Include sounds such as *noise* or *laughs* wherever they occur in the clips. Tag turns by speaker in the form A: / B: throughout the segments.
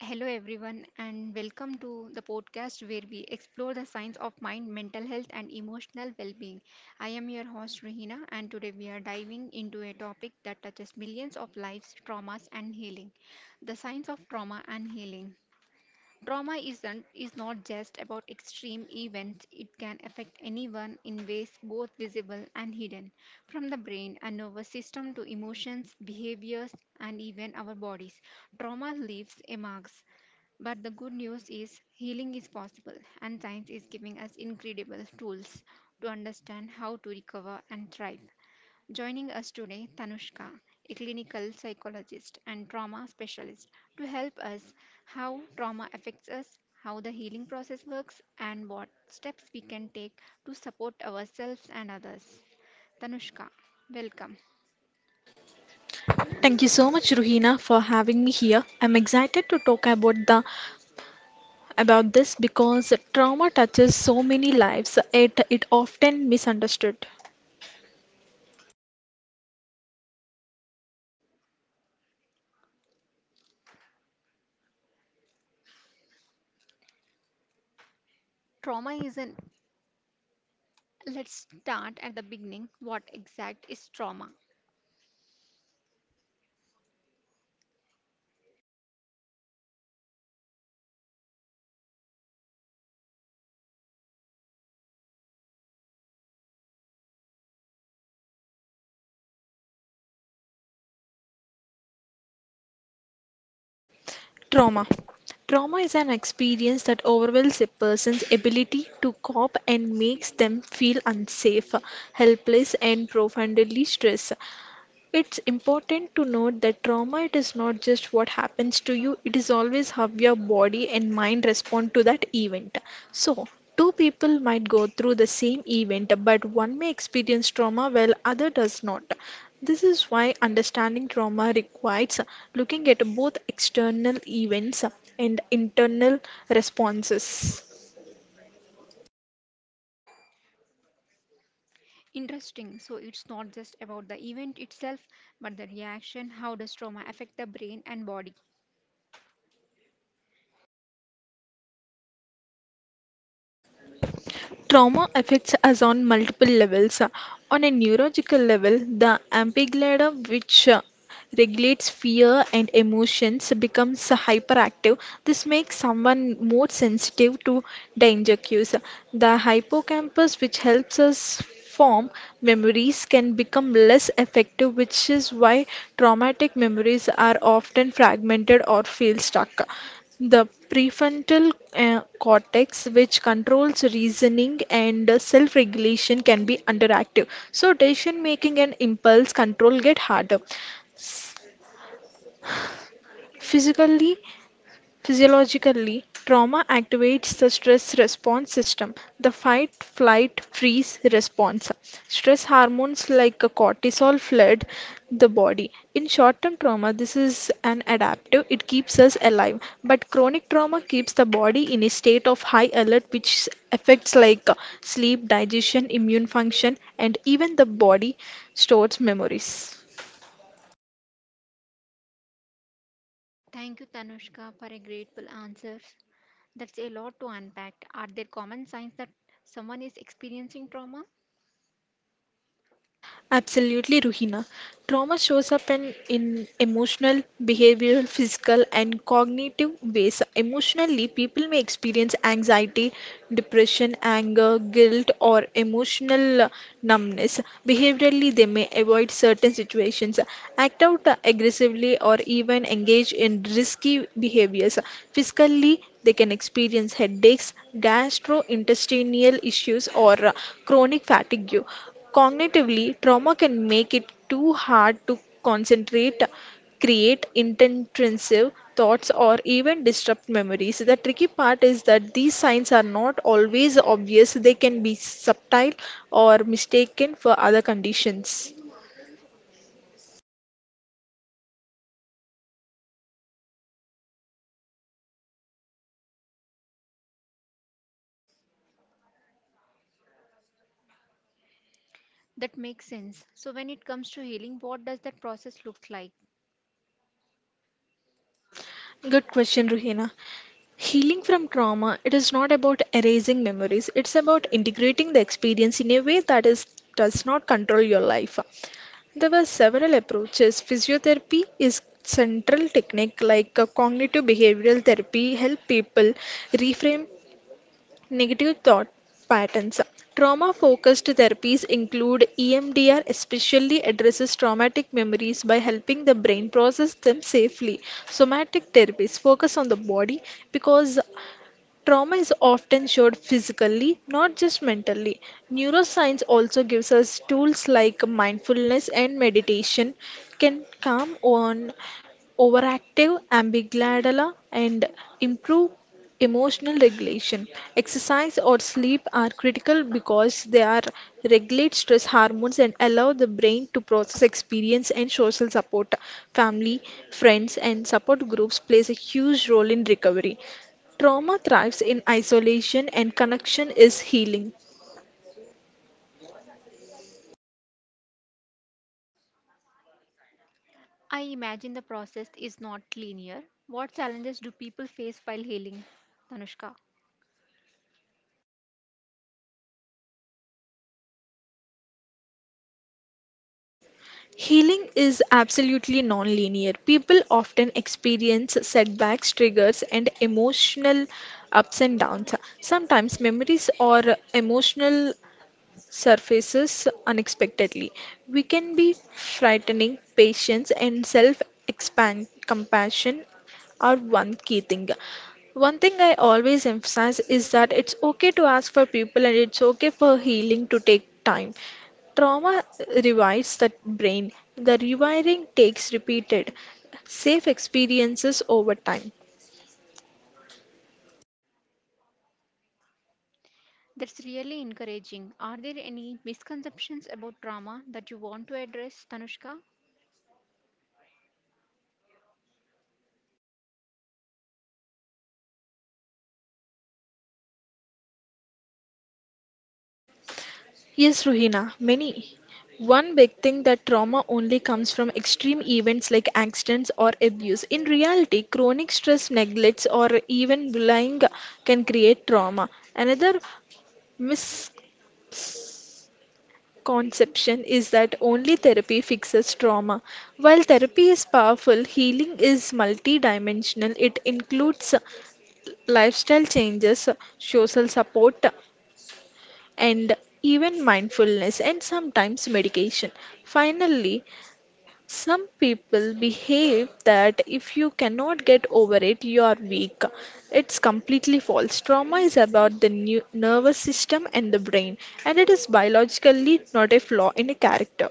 A: Hello, everyone, and welcome to the podcast where we explore the science of mind, mental health, and emotional well being. I am your host, Rahina, and today we are diving into a topic that touches millions of lives, traumas and healing. The science of trauma and healing. Trauma isn't is not just about extreme events. It can affect anyone in ways both visible and hidden, from the brain and nervous system to emotions, behaviors, and even our bodies. Trauma leaves a marks. But the good news is healing is possible, and science is giving us incredible tools to understand how to recover and thrive. Joining us today, Tanushka, a clinical psychologist and trauma specialist, to help us how trauma affects us, how the healing process works, and what steps we can take to support ourselves and others. Tanushka, welcome.
B: Thank you so much, Ruhina, for having me here. I'm excited to talk about the about this because trauma touches so many lives. It often misunderstood.
A: Trauma is an let's start at the beginning. What exact is trauma?
B: Trauma. Trauma is an experience that overwhelms a person's ability to cope and makes them feel unsafe, helpless, and profoundly stressed. It's important to note that trauma it is not just what happens to you, it is always how your body and mind respond to that event. So, two people might go through the same event, but one may experience trauma while other does not. This is why understanding trauma requires looking at both external events and internal responses.
A: Interesting. So it's not just about the event itself, but the reaction. How does trauma affect the brain and body?
B: Trauma affects us on multiple levels. On a neurological level, the amygdala, which regulates fear and emotions, becomes hyperactive. This makes someone more sensitive to danger cues. The hippocampus, which helps us form memories, can become less effective, which is why traumatic memories are often fragmented or feel stuck. The prefrontal cortex, which controls reasoning and self regulation, can be underactive. So, decision making and impulse control get harder. Physically, physiologically, trauma activates the stress response system, the fight, flight, freeze response. Stress hormones like cortisol flood the body. In short term trauma, this is an adaptive, it keeps us alive. But chronic trauma keeps the body in a state of high alert, which affects like sleep, digestion, immune function, and even the body stores memories.
A: Thank you, Tanushka, for a grateful answer. That's a lot to unpack. Are there common signs that someone is experiencing trauma?
B: Absolutely, Ruhina. Trauma shows up in emotional, behavioral, physical, and cognitive ways. Emotionally, people may experience anxiety, depression, anger, guilt, or emotional numbness. Behaviorally, they may avoid certain situations, act out aggressively, or even engage in risky behaviors. Physically, they can experience headaches, gastrointestinal issues, or chronic fatigue. Cognitively, trauma can make it too hard to concentrate, create inintrusive thoughts, or even disrupt memories. The tricky part is that these signs are not always obvious, they can be subtle or mistaken for other conditions.
A: That makes sense. So, when it comes to healing, what does that process look like?
B: Good question, Ruhina. Healing from trauma, it is not about erasing memories, it's about integrating the experience in a way that is, does not control your life. There were several approaches. Physiotherapy is central technique like cognitive behavioral therapy help people reframe negative thought patterns. Trauma focused therapies include EMDR especially addresses traumatic memories by helping the brain process them safely. Somatic therapies focus on the body because trauma is often showed physically, not just mentally. Neuroscience also gives us tools like mindfulness and meditation can calm on overactive amygdala and improve emotional regulation. Exercise or sleep are critical because they are regulate stress hormones and allow the brain to process experience and social support. Family, friends and support groups plays a huge role in recovery. Trauma thrives in isolation and connection is healing.
A: I imagine the process is not linear. What challenges do people face while healing, Tanushka?
B: Healing is absolutely non-linear. People often experience setbacks, triggers, and emotional ups and downs. Sometimes memories or emotional surfaces unexpectedly. We can be frightening. Patience and self expand compassion are one key thing. One thing I always emphasize is that it's okay to ask for people and it's okay for healing to take time. Trauma rewires the brain. The rewiring takes repeated, safe experiences over time.
A: That's really encouraging. Are there any misconceptions about trauma that you want to address, Tanushka?
B: Yes, Ruhina, many. One big thing that trauma only comes from extreme events like accidents or abuse. In reality, chronic stress, neglects, or even bullying can create trauma. Another misconception is that only therapy fixes trauma. While therapy is powerful, healing is multidimensional. It includes lifestyle changes, social support, and even mindfulness and sometimes medication. Finally, some people behave that if you cannot get over it, you are weak. It's completely false. Trauma is about the new nervous system and the brain, and it is biologically not a flaw in a character.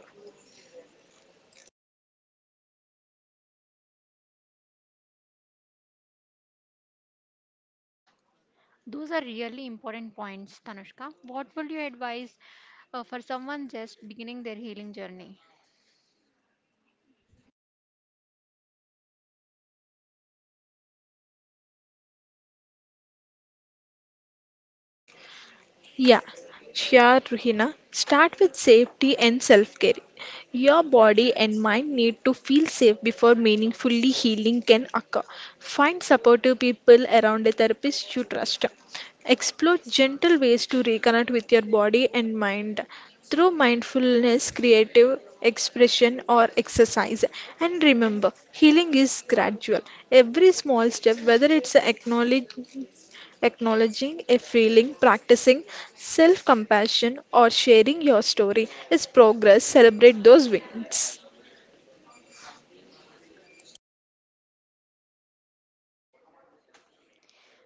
A: Those are really important points, Tanushka. What would you advise for someone just beginning their healing journey?
B: Yeah, sure, Ruhina. Start with safety and self care. Your body and mind need to feel safe before meaningfully healing can occur. Find supportive people around a therapist you trust. Explore gentle ways to reconnect with your body and mind through mindfulness, creative expression, or exercise. And remember, healing is gradual. Every small step, whether it's acknowledge acknowledging a feeling, practicing self compassion, or sharing your story is progress. Celebrate those wins.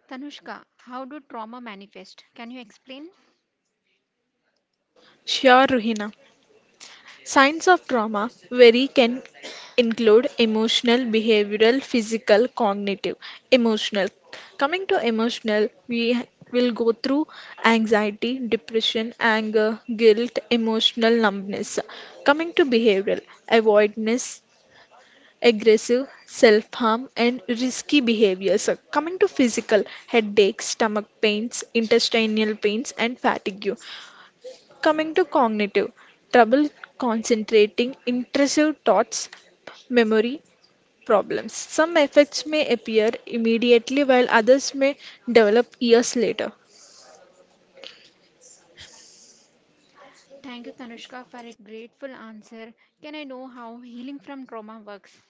A: Tanushka, how do trauma manifest? Can you explain?
B: Sure, Ruhina. Signs of trauma vary can include emotional, behavioral, physical, cognitive. Emotional. Coming to emotional, will go through anxiety, depression, anger, guilt, emotional numbness. Coming to behavioral, avoidance, aggressive, self harm, and risky behaviors. Coming to physical, headaches, stomach pains, intestinal pains, and fatigue. Coming to cognitive, trouble concentrating, intrusive thoughts, memory problems. Some effects may appear immediately, while others may develop years later.
A: Thank you, Tanushka, for a grateful answer. Can I know how healing from trauma works?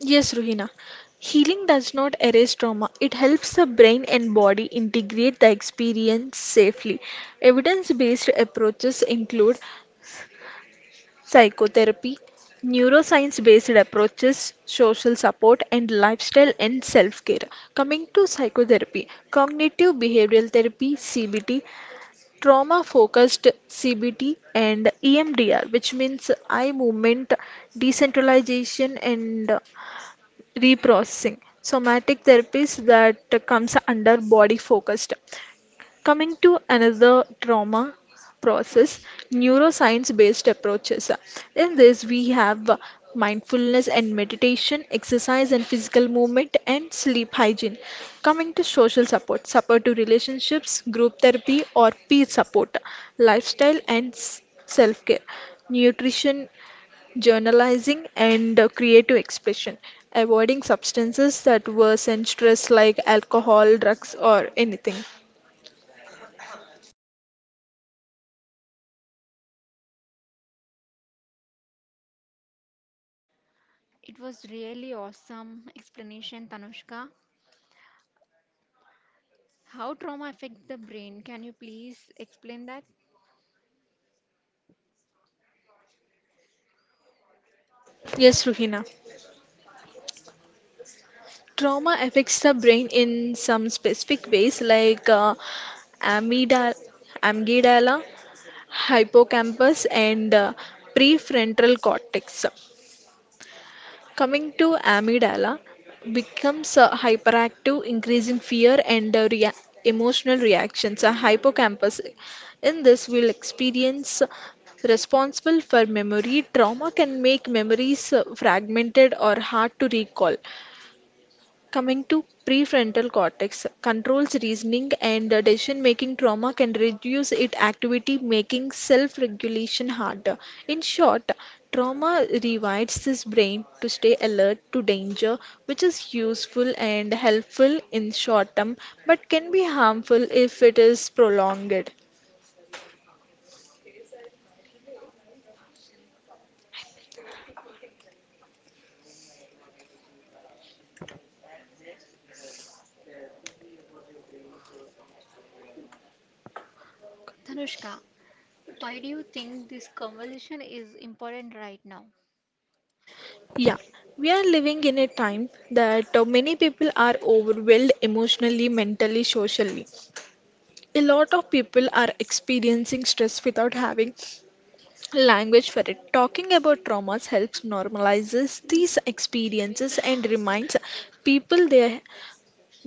B: Yes, Ruhina. Healing does not erase trauma. It helps the brain and body integrate the experience safely. Evidence based approaches include psychotherapy, neuroscience based approaches, social support, and lifestyle and self care. Coming to psychotherapy, cognitive behavioral therapy, CBT, trauma focused CBT, and EMDR, which means eye movement, decentralization, and reprocessing somatic therapies that comes under body focused coming to another trauma process neuroscience based approaches in this we have mindfulness and meditation exercise and physical movement and sleep hygiene coming to social support support to relationships group therapy or peer support lifestyle and self care nutrition journalizing, and creative expression, avoiding substances that worsen stress like alcohol, drugs, or anything.
A: It was really awesome explanation, Tanushka. How trauma affects the brain? Can you please explain that?
B: Yes, Ruhina. Trauma affects the brain in some specific ways like amygdala, amygdala, hippocampus, and prefrontal cortex. Coming to amygdala, becomes hyperactive, increasing fear and emotional reactions. A hippocampus, in this, will experience responsible for memory. Trauma can make memories fragmented or hard to recall. Coming to prefrontal cortex controls reasoning and decision-making trauma can reduce its activity, making self-regulation harder. In short, trauma rewires this brain to stay alert to danger, which is useful and helpful in short term, but can be harmful if it is prolonged.
A: Tanushka, why do you think this conversation is important right now?
B: Yeah, we are living in a time that many people are overwhelmed emotionally, mentally, socially. A lot of people are experiencing stress without having language for it talking about traumas helps normalizes these experiences and reminds people they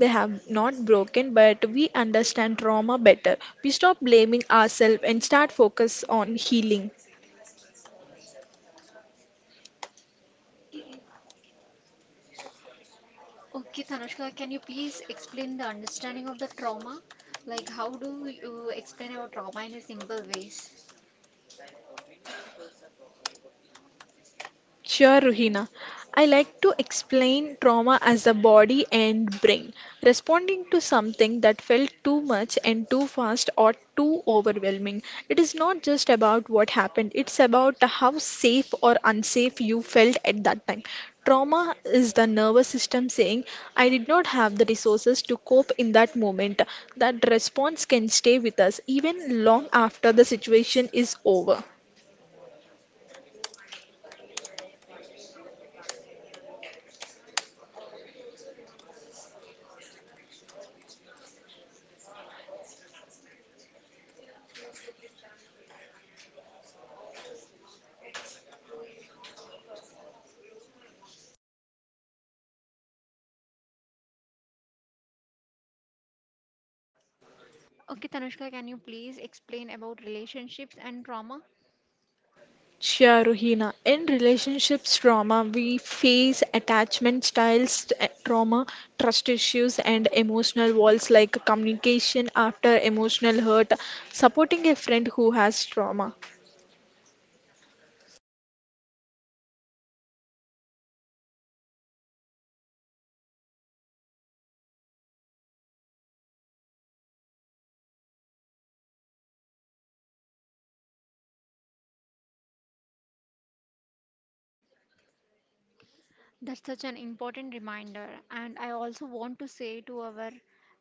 B: they have not broken but we understand trauma better we stop blaming ourselves and start focus on healing.
A: Okay, Tanushka, can you please explain the understanding of the trauma? Like, how do you explain about trauma in a simple ways?
B: Sure, Ruhina. I like to explain trauma as the body and brain responding to something that felt too much and too fast or too overwhelming. It is not just about what happened, it's about how safe or unsafe you felt at that time. Trauma is the nervous system saying, I did not have the resources to cope in that moment. That response can stay with us even long after the situation is over.
A: Okay, Tanushka, can you please explain about relationships and trauma?
B: Sure, Ruhina. In relationships trauma, we face attachment styles trust issues, and emotional walls like communication after emotional hurt, supporting a friend who has trauma.
A: That's such an important reminder. And I also want to say to our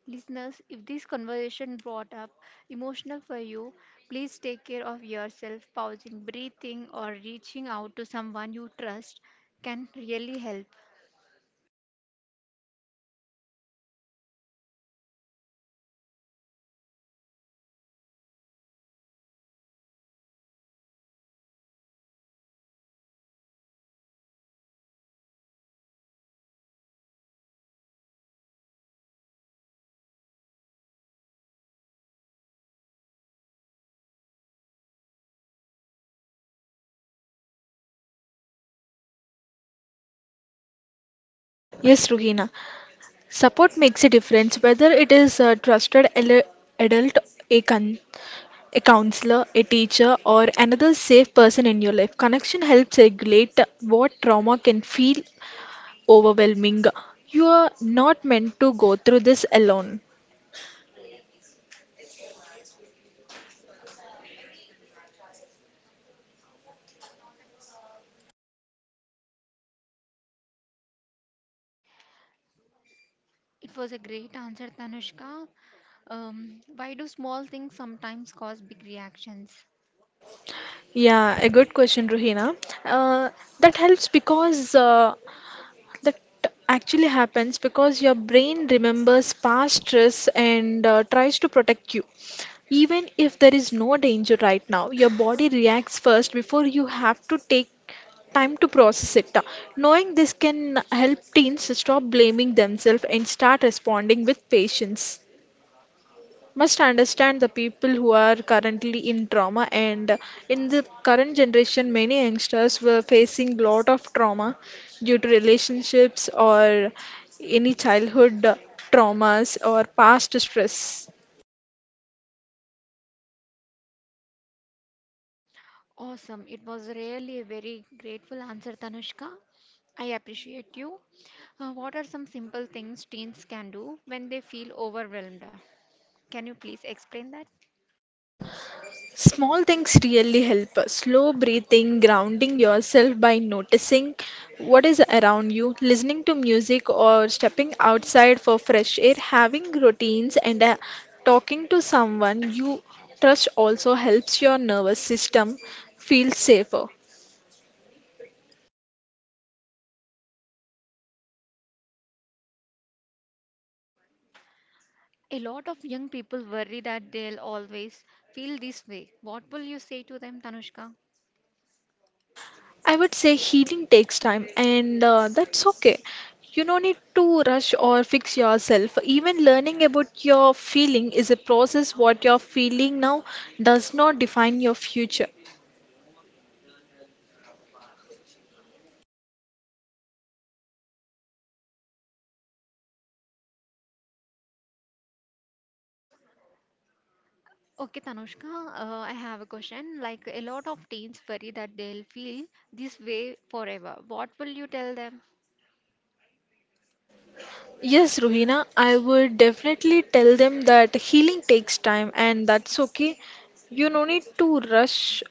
A: listeners, if this conversation brought up emotional for you, please take care of yourself. Pausing, breathing, or reaching out to someone you trust can really help.
B: Yes, Ruhina. Support makes a difference whether it is a adult, a, con- a counselor, a teacher, or another safe person in your life. Connection helps regulate what trauma can feel overwhelming. You are not meant to go through this alone.
A: It was a great answer, Tanushka. Why do small things sometimes cause big reactions?
B: Yeah, a good question, Ruhina. Uh, that helps because uh, that actually happens because your brain remembers past stress and tries to protect you. Even if there is no danger right now, your body reacts first before you have to take time to process it. Knowing this can help teens stop blaming themselves and start responding with patience. Must understand the people who are currently in trauma and in the current generation many youngsters were facing lot of trauma due to relationships or any childhood traumas or past stress.
A: Awesome. It was really a very grateful answer, Tanushka. I appreciate you. What are some simple things teens can do when they feel overwhelmed? Can you please explain that?
B: Small things really help. Slow breathing, grounding yourself by noticing what is around you, listening to music or stepping outside for fresh air, having routines and talking to someone you trust also helps your nervous system feel safer.
A: A lot of young people worry that they'll always feel this way. What will you say to them, Tanushka?
B: I would say healing takes time, and that's okay. You don't need to rush or fix yourself. Even learning about your feeling is a process. What you're feeling now does not define your future.
A: Okay, Tanushka, I have a question. Like, a lot of teens worry that they'll feel this way forever. What will you tell them?
B: Yes, Ruhina, I would definitely tell them that healing takes time, and that's okay. You no need to rush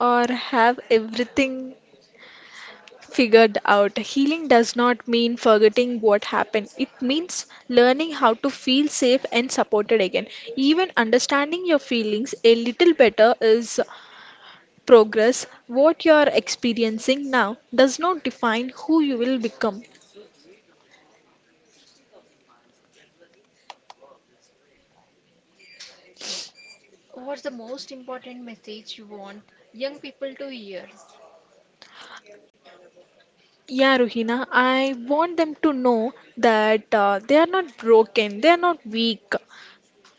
B: or have everything figured out healing does not mean forgetting what happened. It means learning how to feel safe and supported again. Even understanding your feelings a little better is progress. What you are experiencing now does not define who you will become.
A: What's the most important message you want young people to hear?
B: Yeah, Ruhina, I want them to know that they are not broken, they are not weak,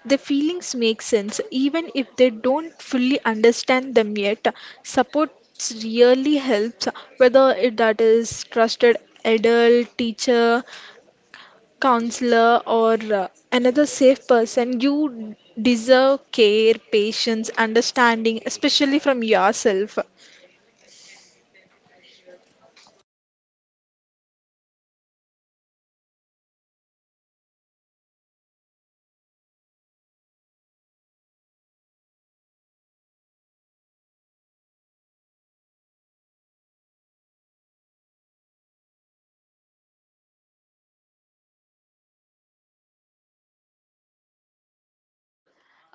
B: the feelings make sense even if they don't fully understand them yet. Support really helps, whether it that is trusted adult, teacher, counselor, or uh, another safe person. You deserve care, patience, understanding, especially from yourself.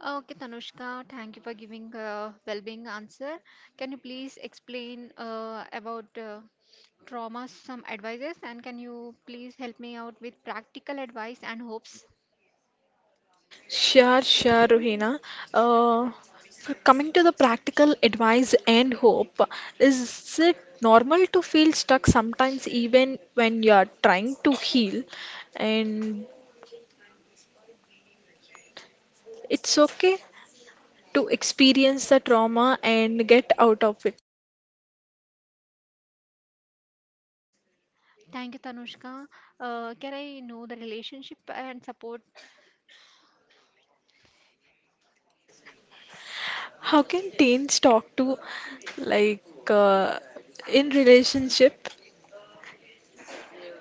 A: Okay, Tanushka, thank you for giving a well-being answer. Can you please explain about trauma, some advices, and can you please help me out with practical advice and hopes?
B: Sure, Ruhina. Uh, Coming to the practical advice and hope, is it normal to feel stuck sometimes, even when you are trying to heal? And it's okay to experience the trauma and get out of it.
A: Thank you, Tanushka. Can I know the relationship and support?
B: How can teens talk to, like, uh, in relationship?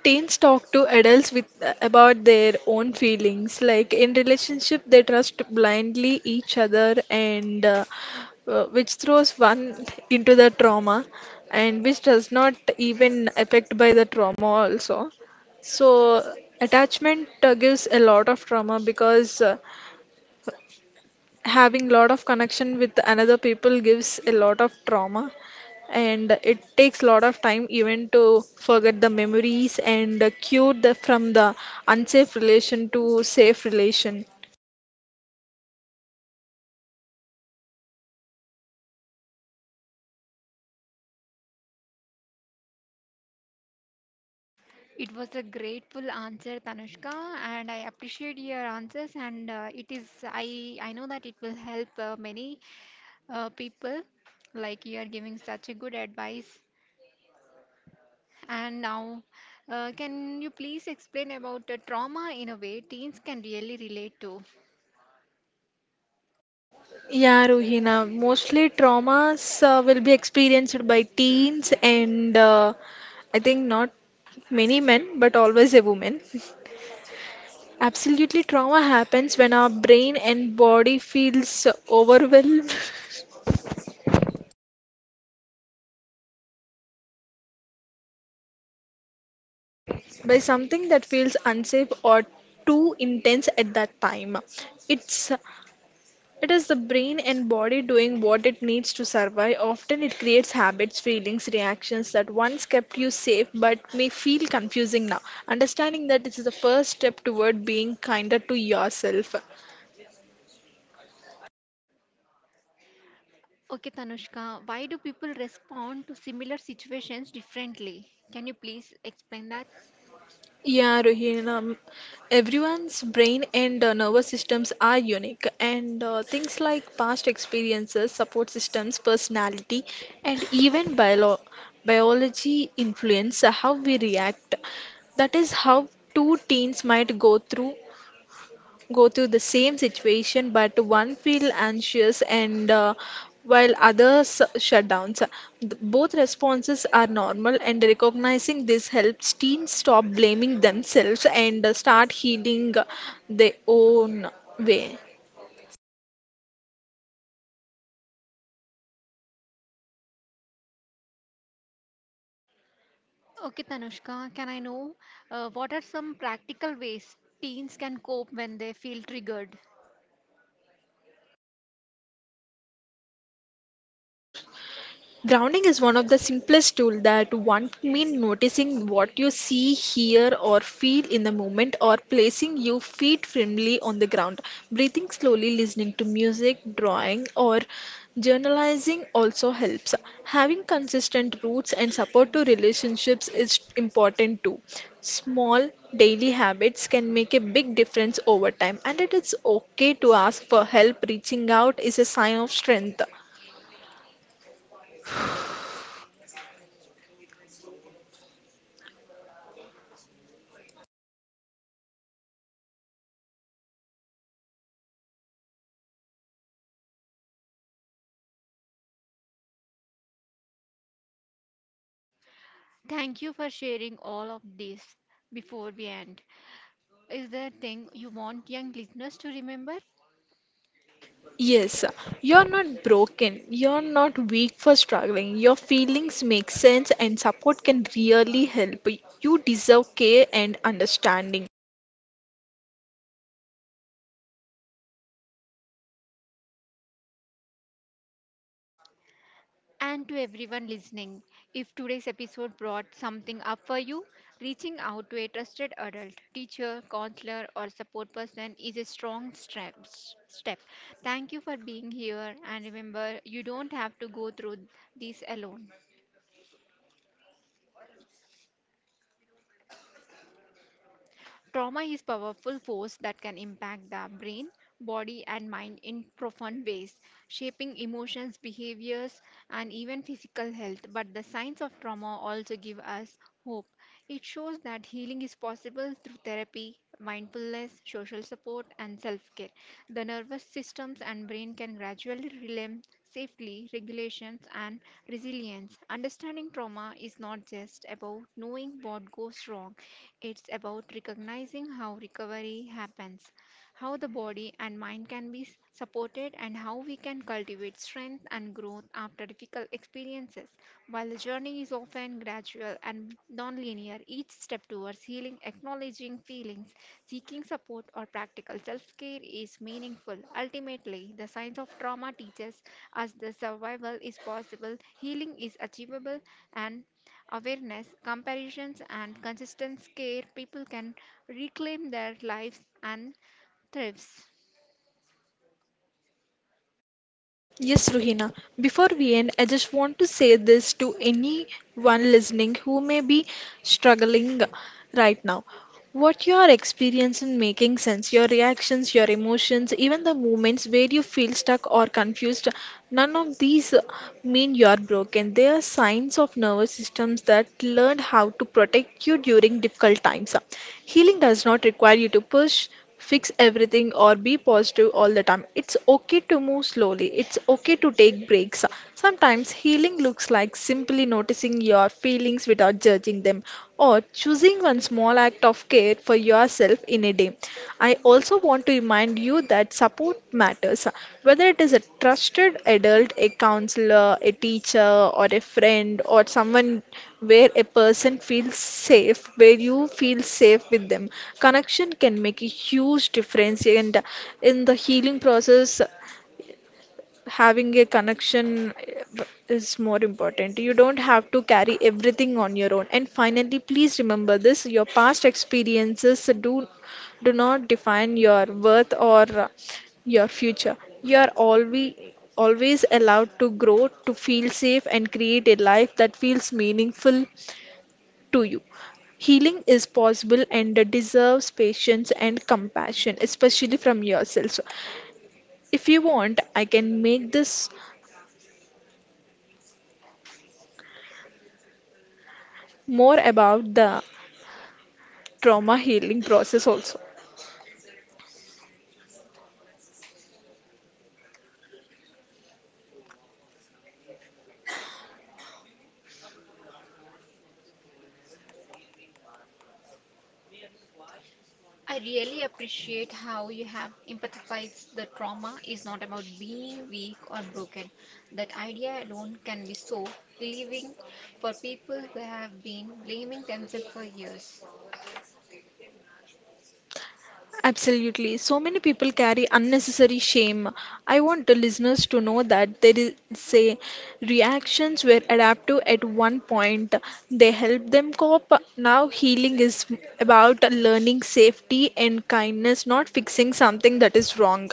B: Teens talk to adults with about their own feelings. Like in relationship, they trust blindly each other, and which throws one into the trauma, and which does not even affect by the trauma also. So attachment gives a lot of trauma because having lot of connection with another people gives a lot of trauma, and it takes lot of time even to forget the memories and cure the from the unsafe relation to safe relation.
A: It was a grateful answer, Tanushka, and I appreciate your answers. And it is, I know that it will help many people. Like, you are giving such a good advice. And now, can you please explain about the trauma in a way teens can really relate to?
B: Yeah, Ruhina, mostly traumas will be experienced by teens and I think not many men but always a woman. Absolutely, trauma happens when our brain and body feels overwhelmed *laughs* by something that feels unsafe or too intense at that time. It's it is the brain and body doing what it needs to survive. Often it creates habits, feelings, reactions that once kept you safe but may feel confusing now. Understanding that, this is the first step toward being kinder to yourself.
A: Okay, Tanushka, why do people respond to similar situations differently? Can you please explain that?
B: Yeah, Rohini, everyone's brain and nervous systems are unique, and things like past experiences, support systems, personality, and even biology influence how we react. That is how two teens might go through the same situation, but one feel anxious and while others shut down. So, both responses are normal, and recognizing this helps teens stop blaming themselves and start healing their own way.
A: Okay, Tanushka, can I know what are some practical ways teens can cope when they feel triggered?
B: Grounding is one of the simplest tools, that one mean noticing what you see, hear or feel in the moment, or placing your feet firmly on the ground. Breathing slowly, listening to music, drawing or journalizing also helps. Having consistent roots and support to relationships is important too. Small daily habits can make a big difference over time, and it is okay to ask for help. Reaching out is a sign of strength.
A: Thank you for sharing all of this before we end. Is there a thing you want young listeners to remember?
B: Yes, you're not broken. You're not weak for struggling. Your feelings make sense, and support can really help. You deserve care and understanding.
A: And to everyone listening, if today's episode brought something up for you, reaching out to a trusted adult, teacher, counselor, or support person is a strong step. Thank you for being here, and remember, you don't have to go through this alone. Trauma is powerful force that can impact the brain, body and mind in profound ways, shaping emotions, behaviors and even physical health. But the signs of trauma also give us hope. It shows that healing is possible through therapy, mindfulness, social support and self-care. The nervous systems and brain can gradually relearn safely regulations and resilience. Understanding trauma is not just about knowing what goes wrong, it's about recognizing how recovery happens, how the body and mind can be supported, and how we can cultivate strength and growth after difficult experiences. While the journey is often gradual and non linear, each step towards healing, acknowledging feelings, seeking support or practical self care is meaningful. Ultimately, the science of trauma teaches us the survival is possible, healing is achievable, and awareness, comparisons, and consistent care people can reclaim their lives and thrives.
B: Yes, Ruhina. Before we end, I just want to say this to anyone listening who may be struggling right now. What you are experiencing making sense, your reactions, your emotions, even the moments where you feel stuck or confused, none of these mean you are broken. They are signs of nervous systems that learned how to protect you during difficult times. Healing does not require you to push, fix everything or be positive all the time. It's okay to move slowly. It's okay to take breaks. Sometimes healing looks like simply noticing your feelings without judging them, or choosing one small act of care for yourself in a day. I also want to remind you that support matters, whether it is a trusted adult, a counselor, a teacher, or a friend, or someone where a person feels safe, where you feel safe with them. Connection can make a huge difference, and in the healing process, having a connection is more important. You don't have to carry everything on your own. And finally, please remember this, your past experiences do not define your worth or your future. You are always allowed to grow, to feel safe and create a life that feels meaningful to you. Healing is possible and deserves patience and compassion, especially from yourself. So, if you want, I can make this more about the trauma healing process also.
A: I really appreciate how you have empathized the trauma is not about being weak or broken. That idea alone can be so relieving for people who have been blaming themselves for years.
B: Absolutely, so many people carry unnecessary shame. I want the listeners to know that there is say reactions were adaptive at one point, they help them cope. Now healing is about learning safety and kindness, not fixing something that is wrong.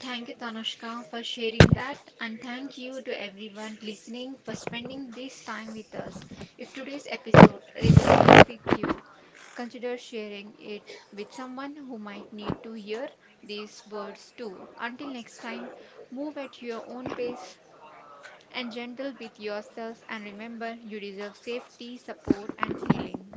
A: Thank you, Tanushka, for sharing that, and thank you to everyone listening for spending this time with us. If today's episode resonated with you, consider sharing it with someone who might need to hear these words too. Until next time, move at your own pace and gentle with yourself, and remember you deserve safety, support, and healing.